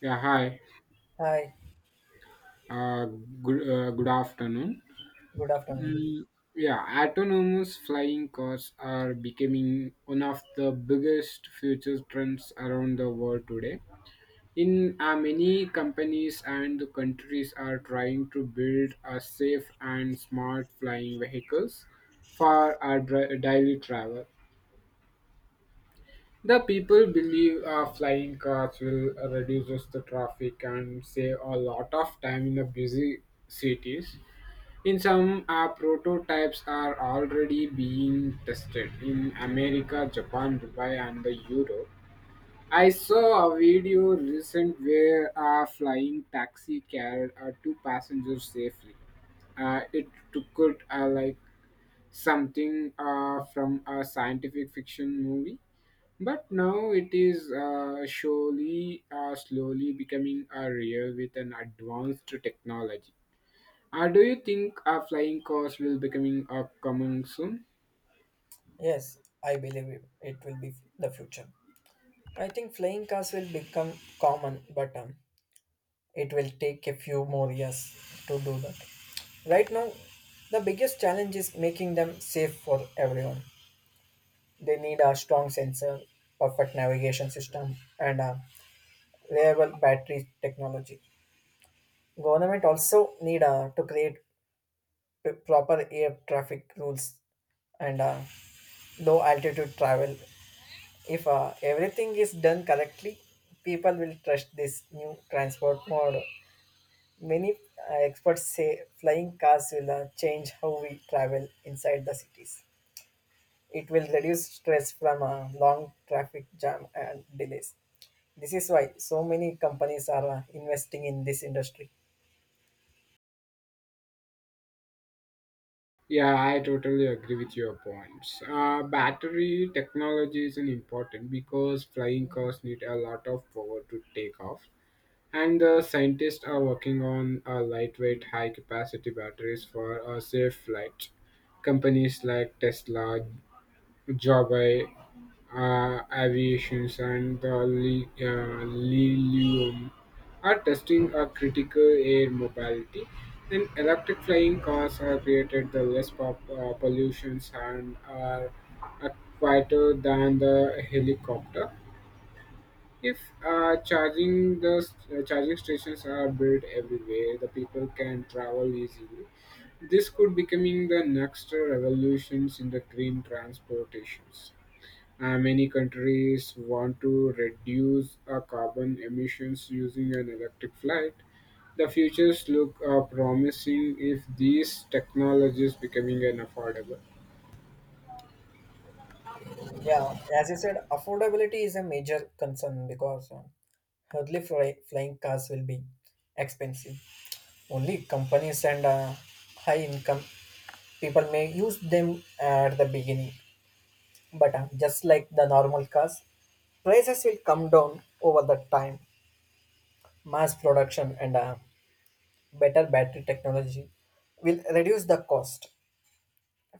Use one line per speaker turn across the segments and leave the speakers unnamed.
Yeah, hi.
Hi,
Uh, Good, good afternoon.
good afternoon.
Mm, yeah, autonomous flying cars are becoming one of the biggest future trends around the world today. In many companies and countries are trying to build a safe and smart flying vehicles for our daily travel. The people believe flying cars will reduce the traffic and save a lot of time in the busy cities. In some, prototypes are already being tested in America, Japan, Dubai, and the Europe. I saw a video recent where a flying taxi carried two passengers safely. It took like something from a scientific fiction movie, but now it is surely slowly becoming a real with an advanced technology. Do you think a flying cars will becoming coming up coming soon?
Yes, I believe it will be the future. I think flying cars will become common, but it will take a few more years to do that. Right now, the biggest challenge is making them safe for everyone. They need a strong sensor, perfect navigation system, and a reliable battery technology. Government also need to create proper air traffic rules and low altitude travel. If everything is done correctly, people will trust this new transport model. Many experts say flying cars will change how we travel inside the cities. It will reduce stress from long traffic jam and delays. This is why so many companies are investing in this industry.
Yeah, I totally agree with your points. Battery technology is an important because flying cars need a lot of power to take off, and the scientists are working on lightweight, high-capacity batteries for a safe flight. Companies like Tesla, Joby, aviations and the Lilium are testing a critical air mobility and electric flying cars have created the less pollutions and are uh, quieter than the helicopter if charging the charging stations are built everywhere the people can travel easily this could becoming the next revolutions in the green transportations. Uh, many countries want to reduce carbon emissions using an electric flight. The futures look promising if these technologies becoming an affordable.
Yeah, as you said, affordability is a major concern because flying cars will be expensive. Only companies and high income people may use them at the beginning, but just like the normal cars, prices will come down over the time. Mass production and better battery technology will reduce the cost.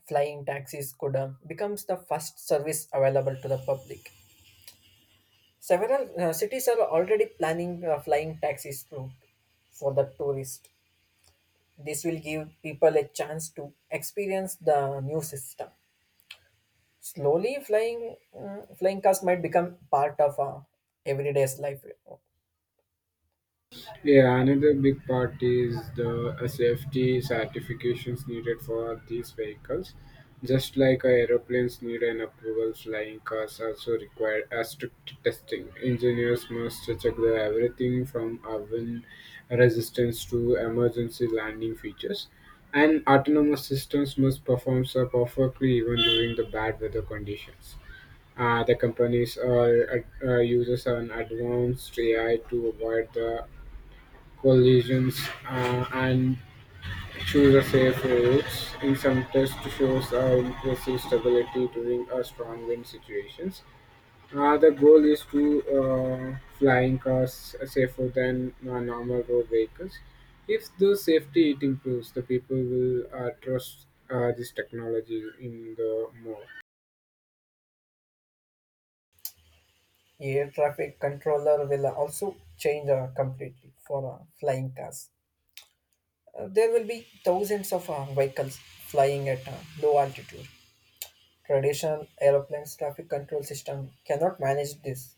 Flying taxis could becomes the first service available to the public. Several cities are already planning flying taxis route for the tourist. This will give people a chance to experience the new system. Slowly, flying cars might become part of everyday's life.
Yeah, another big part is the safety certifications needed for these vehicles. Just like our aeroplanes need an approval, flying cars also require a strict testing. Engineers must check the everything from oven resistance to emergency landing features. And autonomous systems must perform so perfectly even during the bad weather conditions. Uh, the companies uses an advanced AI to avoid the collisions and choose a safe route. In some tests, shows impressive stability during a strong wind situations. The goal is to flying cars safer than normal road vehicles. If the safety it improves, the people will trust this technology in the more.
Air traffic controller will also change completely for flying cars. There will be thousands of vehicles flying at low altitude. Traditional aeroplanes traffic control system cannot manage this.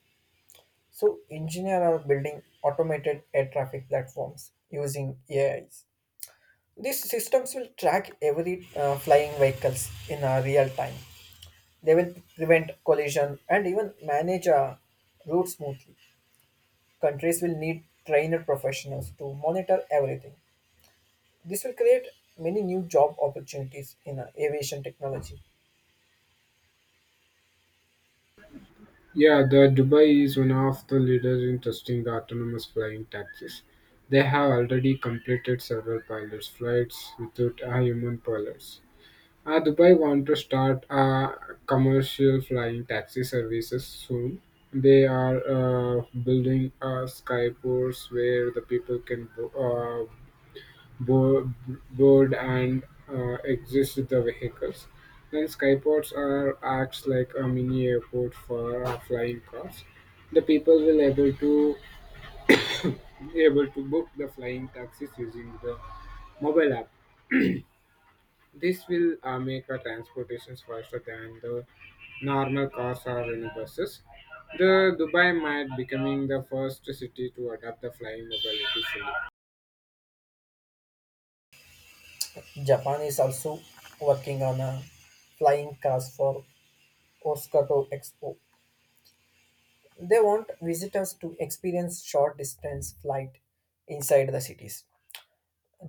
So engineers are building automated air traffic platforms using AIs. These systems will track every flying vehicles in real time. They will prevent collision and even manage a route smoothly. Countries will need trained professionals to monitor everything. This will create many new job opportunities in aviation technology.
Yeah, the Dubai is one of the leaders in testing the autonomous flying taxis. They have already completed several pilots flights without a human pilots. Dubai want to start a commercial flying taxi services soon. They are building a skyports where the people can uh, board and exit the vehicles. Then skyports are acts like a mini airport for flying cars. The people will able to Be able to book the flying taxis using the mobile app. This will make our transportations faster than the normal cars or any buses. The Dubai might becoming the first city to adopt the flying mobility fully.
Japan is also working on a flying cars for Osakato Expo. They want visitors to experience short distance flight inside the cities.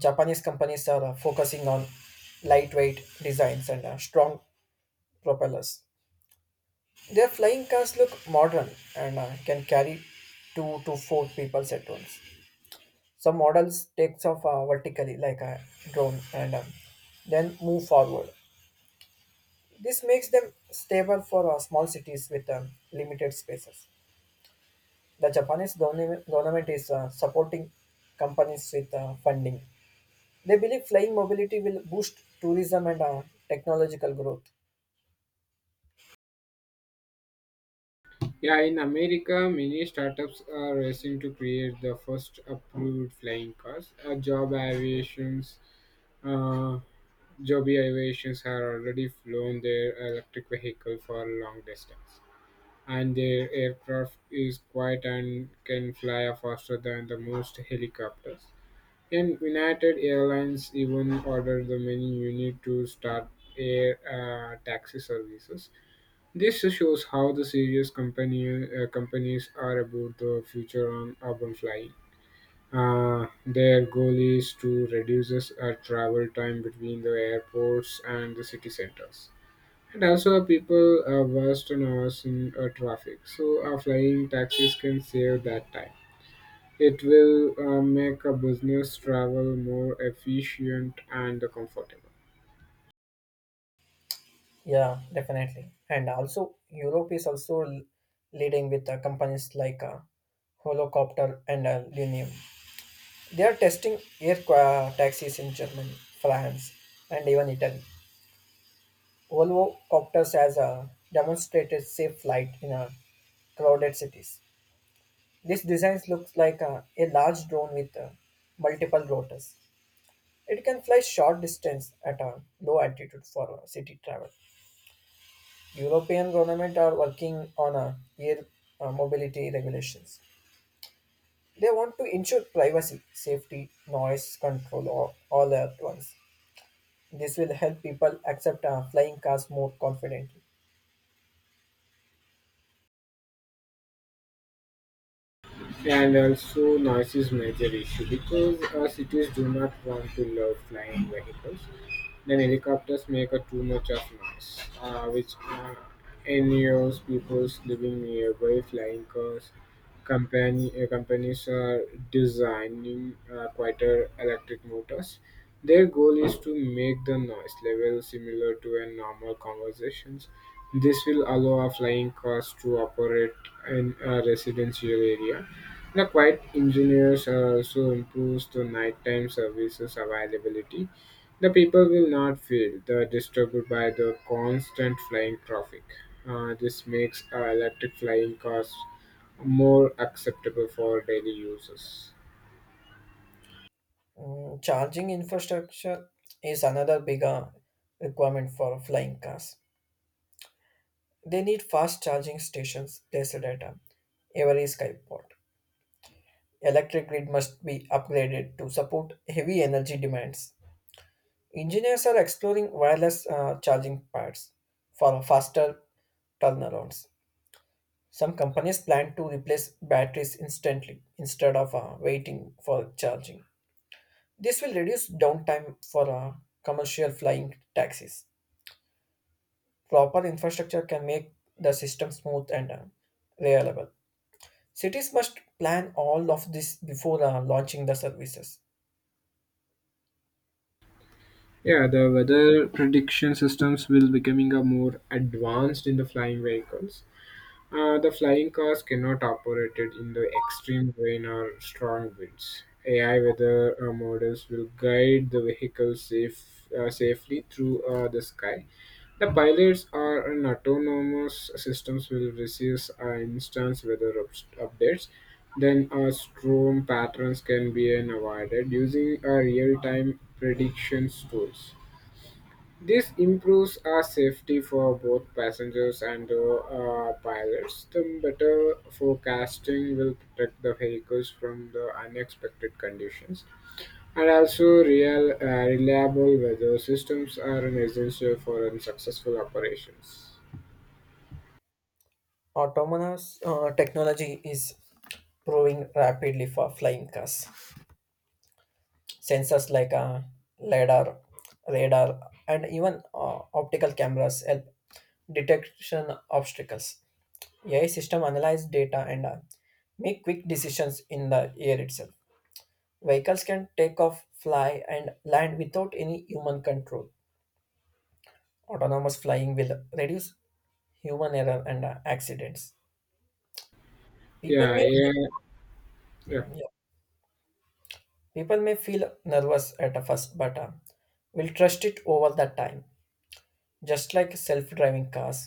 Japanese companies are focusing on lightweight designs and strong propellers. Their flying cars look modern and can carry two to four people at once. Some models takes off vertically like a drone and then move forward. This makes them stable for small cities with limited spaces. The Japanese government is supporting companies with funding. They believe flying mobility will boost tourism and technological growth.
Yeah, in America, many startups are racing to create the first approved flying cars. Uh, Job aviations have already flown their electric vehicle for long distance, and their aircraft is quiet and can fly faster than the most helicopters. And United Airlines even ordered the many unit to start air taxi services this shows how the serious companies are about the future on urban flying. Their goal is to reduce travel time between the airports and the city centers. And also, our people are worst on hours in traffic, so flying taxis can save that time. It will make a business travel more efficient and comfortable.
Yeah, definitely. And also, Europe is also leading with companies like Holocopter and Lunium. They are testing taxis in Germany, France, and even Italy. Holocopters has demonstrated safe flight in crowded cities. This design looks like a large drone with multiple rotors. It can fly short distance at a low altitude for city travel. European government are working on a air mobility regulations. They want to ensure privacy, safety, noise control, all at once. This will help people accept flying cars more confidently.
And also noise is major issue because cities do not want to love flying vehicles. Then helicopters make a too much of noise, which annoys people living nearby. Flying cars company companies are designing quieter electric motors. Their goal is to make the noise level similar to a normal conversations. This will allow a flying cars to operate in a residential area the quiet engineers are also improves the nighttime services availability. The people will not feel the disturbed by the constant flying traffic. This makes electric flying cars more acceptable for daily users.
Charging infrastructure is another big requirement for flying cars. They need fast charging stations, they at every skyport. Electric grid must be upgraded to support heavy energy demands. Engineers are exploring wireless charging pads for faster turnarounds. Some companies plan to replace batteries instantly instead of waiting for charging. This will reduce downtime for commercial flying taxis. Proper infrastructure can make the system smooth and reliable. Cities must plan all of this before launching the services.
Yeah, the weather prediction systems will becoming a more advanced in the flying vehicles. The flying cars cannot operate it in the extreme rain or strong winds. AI weather models will guide the vehicle safely through the sky. The pilots or an autonomous systems will receive instance weather updates. Then storm patterns can be avoided using real-time predictions tools. This improves our safety for both passengers and the pilots. The better forecasting will protect the vehicles from the unexpected conditions. And also, real reliable weather systems are an essential for an successful operations.
Autonomous technology is growing rapidly for flying cars. Sensors like LiDAR, radar, and even optical cameras help detection obstacles. AI system analyze data and make quick decisions in the air itself. Vehicles can take off, fly, and land without any human control. Autonomous flying will reduce human error and accidents. People
Yeah,
may
yeah, yeah.
yeah, people may feel nervous at first, but will trust it over the time. Just like self-driving cars,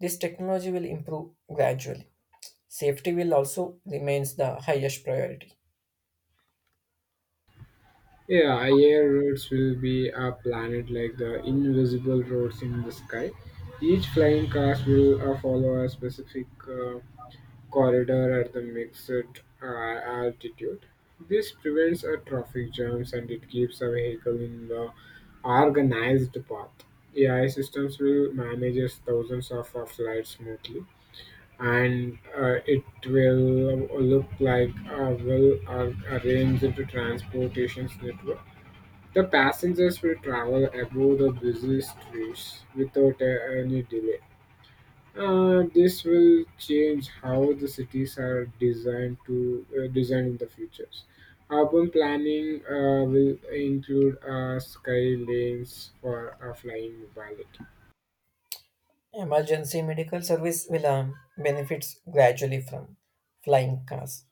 this technology will improve gradually. Safety will also remains the highest priority.
Yeah, air routes will be a planet like the invisible roads in the sky. Each flying class will follow a specific corridor at the mixed altitude. This prevents a traffic jams and it keeps a vehicle in the organized path. AI systems will manage thousands of flights smoothly and it will look like a well arranged transportation network. The passengers will travel above the busy streets without any delay. This will change how the cities are designed in the futures. Urban planning will include sky lanes for flying mobility,
Emergency medical service will benefits gradually from flying cars.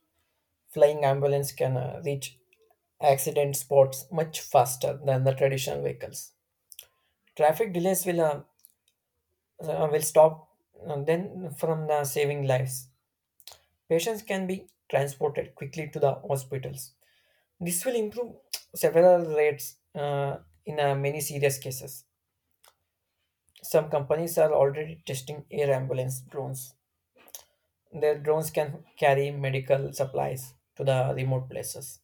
Flying ambulance can reach accident spots much faster than the traditional vehicles. Traffic delays will stop then from the saving lives. Patients can be transported quickly to the hospitals. This will improve several rates in many serious cases. Some companies are already testing air ambulance drones. Their drones can carry medical supplies to the remote places.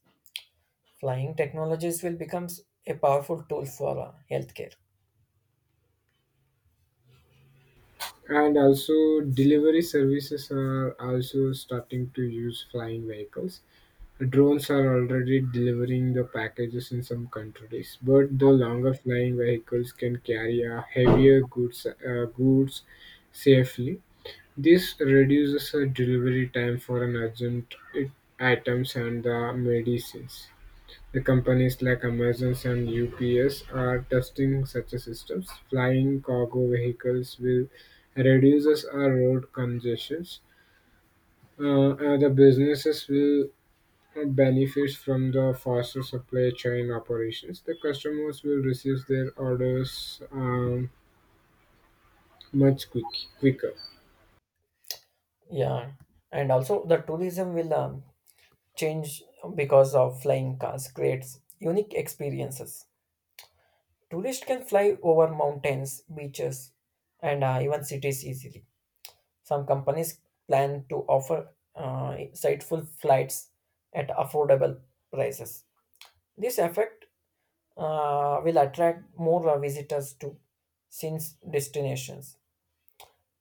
Flying technologies will become a powerful tool for healthcare.
and also delivery services are also starting to use flying vehicles. Drones are already delivering the packages in some countries, but the longer flying vehicles can carry a heavier goods safely. This reduces the delivery time for an urgent items and the medicines. The companies like Amazon and UPS are testing such a systems. Flying cargo vehicles will reduces our road congestions. The businesses will benefit from the faster supply chain operations. The customers will receive their orders um, much quick, quicker.
Yeah, and also the tourism will change because of flying cars creates unique experiences. Tourists can fly over mountains, beaches, and even cities easily. Some companies plan to offer insightful flights at affordable prices. This effect will attract more visitors to since destinations.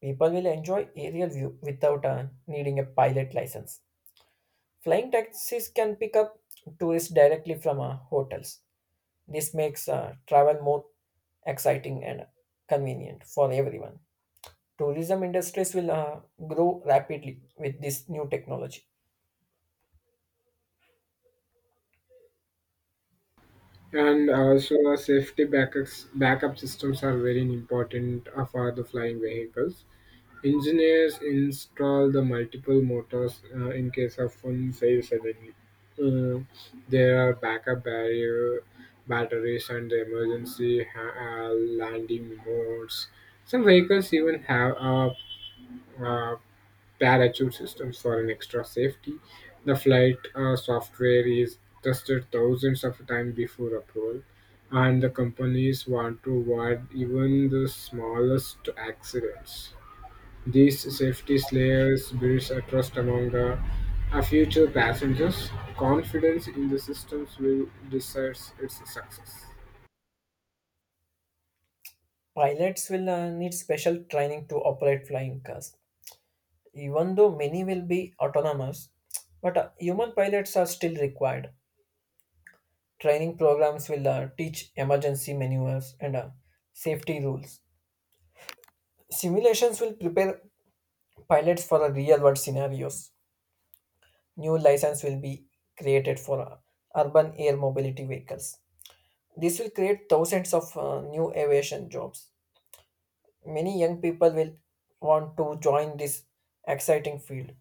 People will enjoy aerial view without needing a pilot license. Flying taxis can pick up tourists directly from hotels. This makes travel more exciting and convenient for everyone. Tourism industries will grow rapidly with this new technology.
And also, uh, backup systems are very important for the flying vehicles. Engineers install the multiple motors in case of one fails suddenly. Uh, there are backup barrier batteries and the emergency landing modes. Some vehicles even have uh parachute systems for an extra safety. The flight software is tested thousands of times before approval, and the companies want to avoid even the smallest accidents. These safety layers builds a trust among the future passengers. Confidence in the systems will decide its success.
Pilots will need special training to operate flying cars, even though many will be autonomous. But human pilots are still required. Training programs will teach emergency maneuvers and safety rules. Simulations will prepare pilots for the real world scenarios. New license will be created for urban air mobility vehicles. This will create thousands of new aviation jobs. Many young people will want to join this exciting field.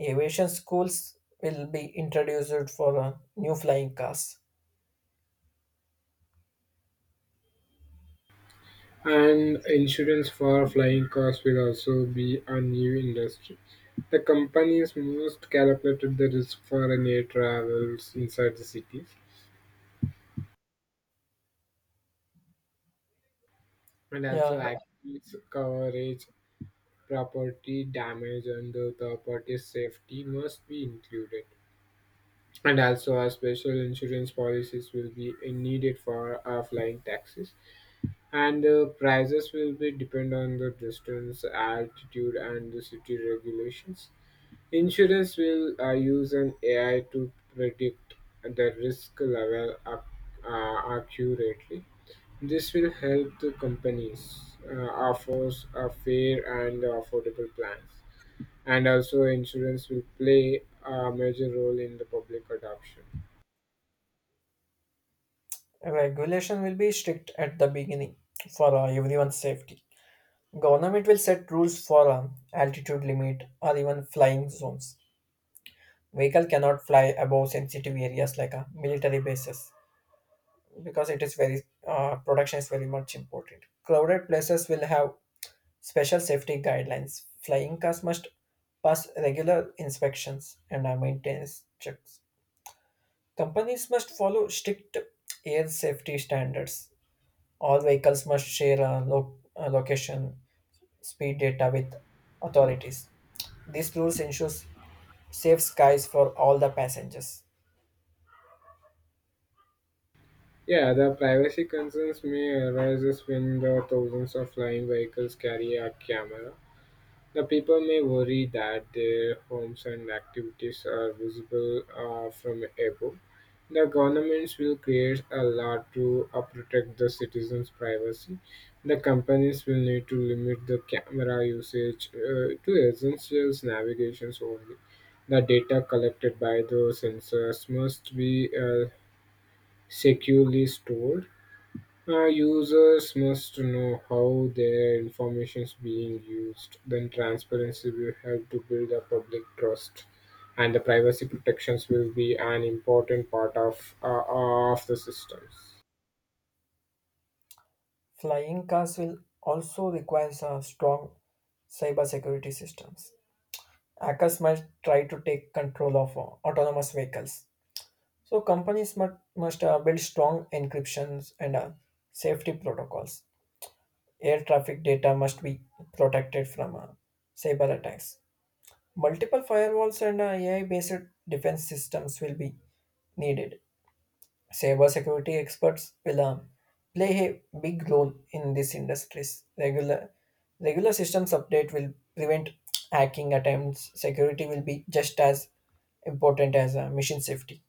Aviation schools will be introduced for new flying cars.
And insurance for flying cars will also be a new industry. The companies most calculated the risk for an air travels inside the cities and also
Yeah,
accidents, coverage, property damage, and the third party safety must be included. And also, our special insurance policies will be needed for our flying taxis, and the prices will be depend on the distance, altitude, and the city regulations. Insurance will use an AI to predict the risk level accurately. This will help the companies offer a fair and affordable plans. And also, insurance will play a major role in the public adoption.
regulation will be strict at the beginning for everyone's safety. Government will set rules for altitude limit or even flying zones. Vehicle cannot fly above sensitive areas like military bases because it is very production is very much important. Crowded places will have special safety guidelines. Flying cars must pass regular inspections and maintenance checks. Companies must follow strict air safety standards. All vehicles must share a location, speed data with authorities. These rules ensures safe skies for all the passengers.
Yeah, the privacy concerns may arise when the thousands of flying vehicles carry a camera. The people may worry that their homes and activities are visible from above. The governments will create a law to protect the citizens' privacy. The companies will need to limit the camera usage to essential navigations only. The data collected by those sensors must be securely stored. Uh, users must know how their information is being used. Then transparency will help to build a public trust, and the privacy protections will be an important part of the systems.
Flying cars will also require a strong cybersecurity systems. Hackers must try to take control of autonomous vehicles. So companies must build strong encryptions and safety protocols. Air traffic data must be protected from cyber attacks. Multiple firewalls and AI based defense systems will be needed. Cybersecurity experts will play a big role in these industries. Regular systems update will prevent hacking attempts. Security will be just as important as mission safety.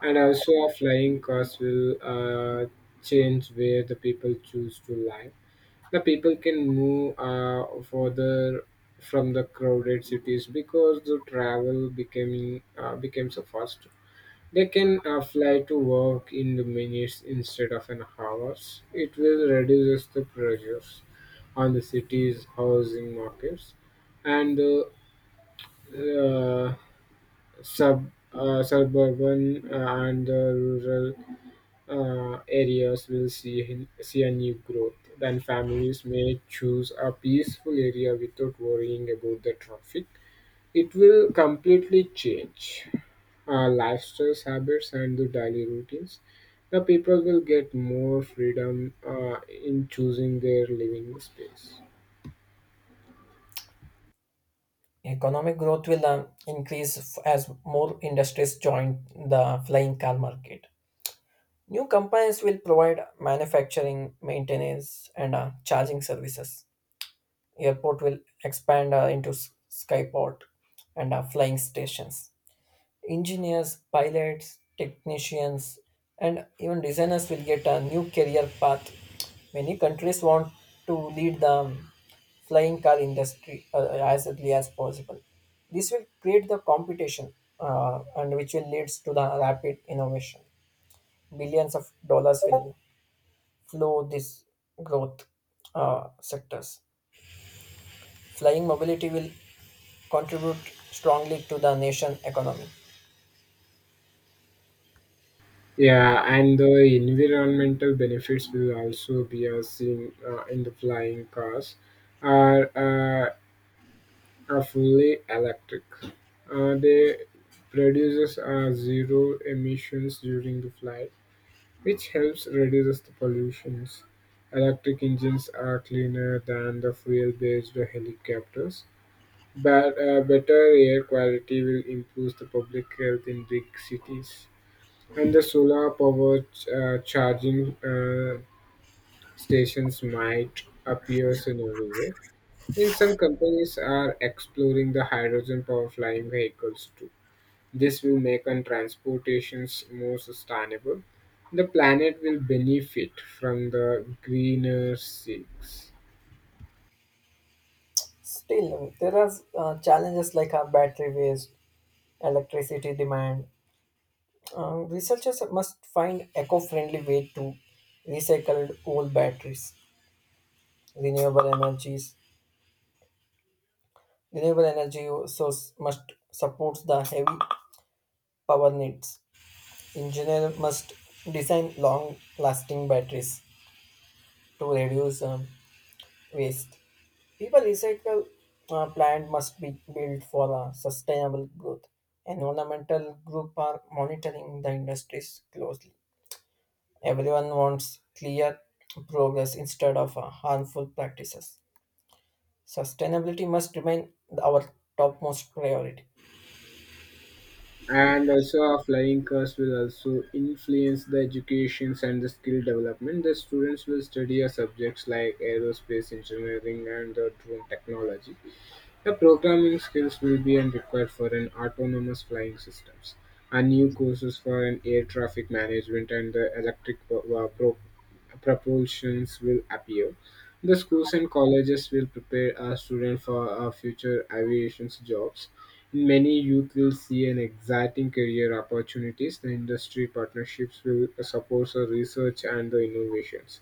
And also, a flying cars will change where the people choose to live. The people can move further from the crowded cities because the travel becoming becomes a fast. They can fly to work in the minutes instead of an hours. It will reduce the pressures on the city's housing markets and the uh, suburban and the rural areas will see a new growth. Then families may choose a peaceful area without worrying about the traffic. It will completely change lifestyles, habits, and the daily routines, the people will get more freedom in choosing their living space.
Economic growth will increase as more industries join the flying car market. New companies will provide manufacturing, maintenance, and charging services. Airport will expand into skyport and flying stations. Engineers, pilots, technicians, and even designers will get a new career path. Many countries want to lead the flying car industry as early as possible. This will create the competition, and which will leads to the rapid innovation. Billions of dollars will flow this growth sectors. Flying mobility will contribute strongly to the nation economy.
Yeah, and the environmental benefits will also be seen in the flying cars are, uh, are fully electric. They produces zero emissions during the flight which helps reduce the pollutions. Electric engines are cleaner than the fuel-based helicopters, but better air quality will improve the public health in big cities. And the solar power charging stations might appear in everywhere. In some companies are exploring the hydrogen power flying vehicles too. This will make our transportations more sustainable. The planet will benefit from the greener seas.
Still, there are challenges like battery waste, electricity demand. Researchers must find eco-friendly way to recycle old batteries. Renewable energies, renewable energy source must support the heavy power needs. Engineer must design long-lasting batteries to reduce waste. People recycle plant must be built for sustainable growth. Environmental group are monitoring the industries closely. Everyone wants clear progress instead of harmful practices. Sustainability must remain our topmost priority.
And also our flying cars will also influence the educations and the skill development. The students will study our subjects like aerospace engineering and the drone technology. Your programming skills will be an required for an autonomous flying systems, and new courses for an air traffic management and the electric propulsions will appear. The schools and colleges will prepare a student for future aviation jobs. Many youth will see an exciting career opportunities. The industry partnerships will support the research and the innovations.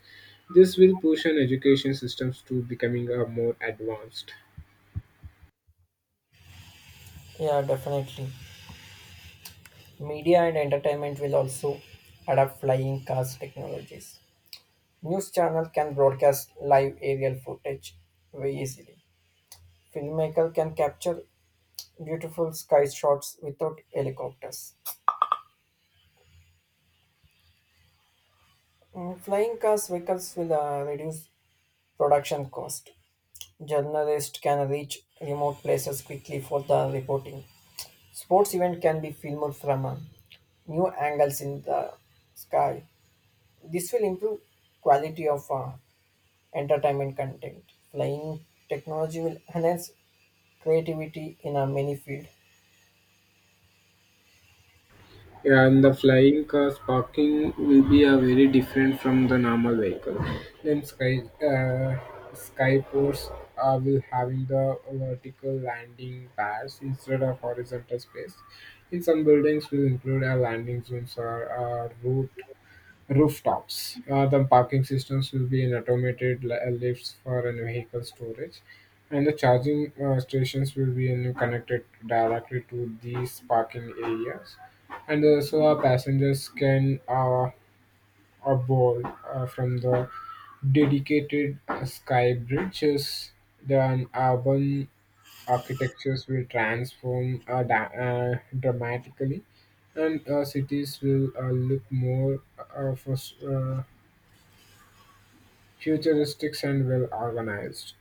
This will push an education systems to becoming a more advanced.
Yeah, definitely. Media and entertainment will also adapt flying cars technologies. News channel can broadcast live aerial footage very easily. Filmmaker can capture beautiful sky shots without helicopters. Flying cars vehicles will reduce production cost. Journalists can reach remote places quickly for the reporting. Sports event can be filmed from new angles in the sky. This will improve quality of entertainment content. Flying technology will enhance creativity in many fields.
Yeah, and the flying cars parking will be a very different from the normal vehicle. Then skyports will having the vertical landing pads instead of horizontal space. In some buildings, will include a landing zones or a rooftops. The parking systems will be in automated lifts for an vehicle storage, and the charging stations will be in connected directly to these parking areas, and so our passengers can board from the dedicated sky bridges. The urban architectures will transform dramatically and cities will look more uh, for, s- uh, futuristic and well organized.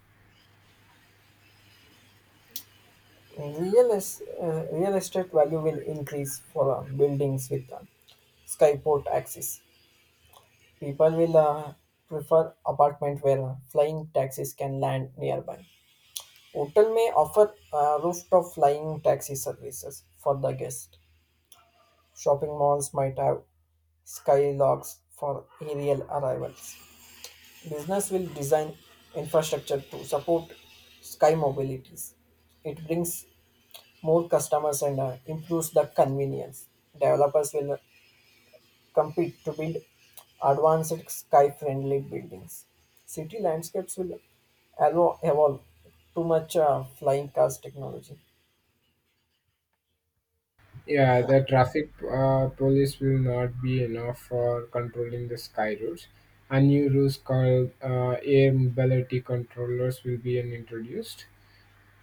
Real estate value will increase for buildings with Skyport axis. People will prefer apartment where flying taxis can land nearby. Hotel may offer a rooftop flying taxi services for the guest. Shopping malls might have skylogs for aerial arrivals. Business will design infrastructure to support sky mobilities. It brings more customers and improves the convenience. Developers will compete to build advanced sky-friendly buildings. City landscapes will allow, evolve too much flying cars technology.
Yeah, the traffic police will not be enough for controlling the sky routes. A new rules called air mobility controllers will be introduced.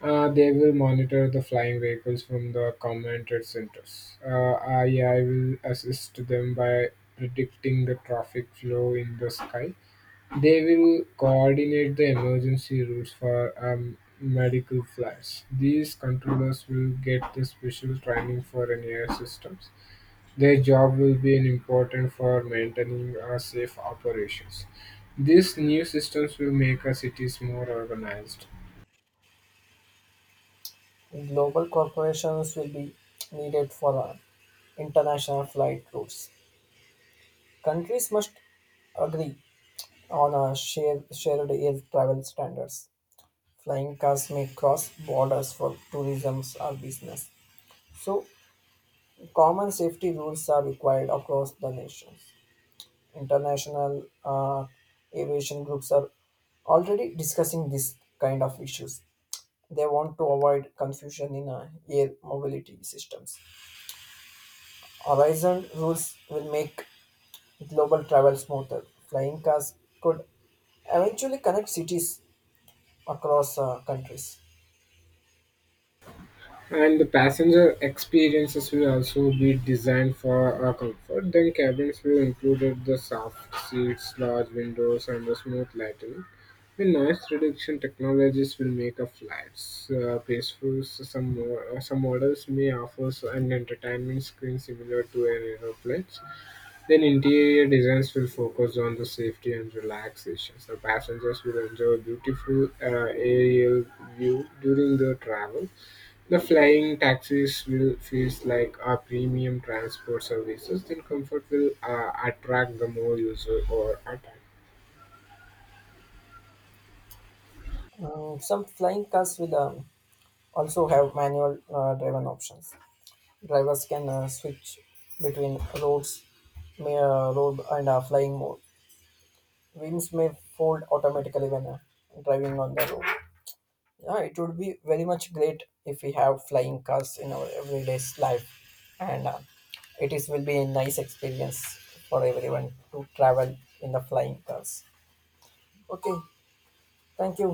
They will monitor the flying vehicles from the command trade centers. AI will assist them by predicting the traffic flow in the sky. They will coordinate the emergency routes for medical flights. These controllers will get the special training for an air systems. Their job will be an important for maintaining safe operations. These new systems will make our cities more organized.
Global corporations will be needed for international flight routes. Countries must agree on a shared air travel standards. Flying cars may cross borders for tourism or business. So, common safety rules are required across the nations. International aviation groups are already discussing this kind of issues. They want to avoid confusion in air mobility systems. Horizon rules will make global travel smoother. Flying cars could eventually connect cities across countries.
And the passenger experiences will also be designed for our comfort. Then cabins will include the soft seats, large windows, and the smooth lighting. The noise reduction technologies will make our flights peaceful. So some models may offer an entertainment screen similar to an aeroplane, then interior designs will focus on the safety and relaxation, so passengers will enjoy beautiful aerial view during the travel. The flying taxis will feels like a premium transport services, then comfort will attract the more user or attract.
Some flying cars will also have manual driven options. Drivers can switch between roads, road and flying mode. Wings may fold automatically when driving on the road. Yeah, it would be very much great if we have flying cars in our everyday's life, and it is will be a nice experience for everyone to travel in the flying cars. Okay, thank you.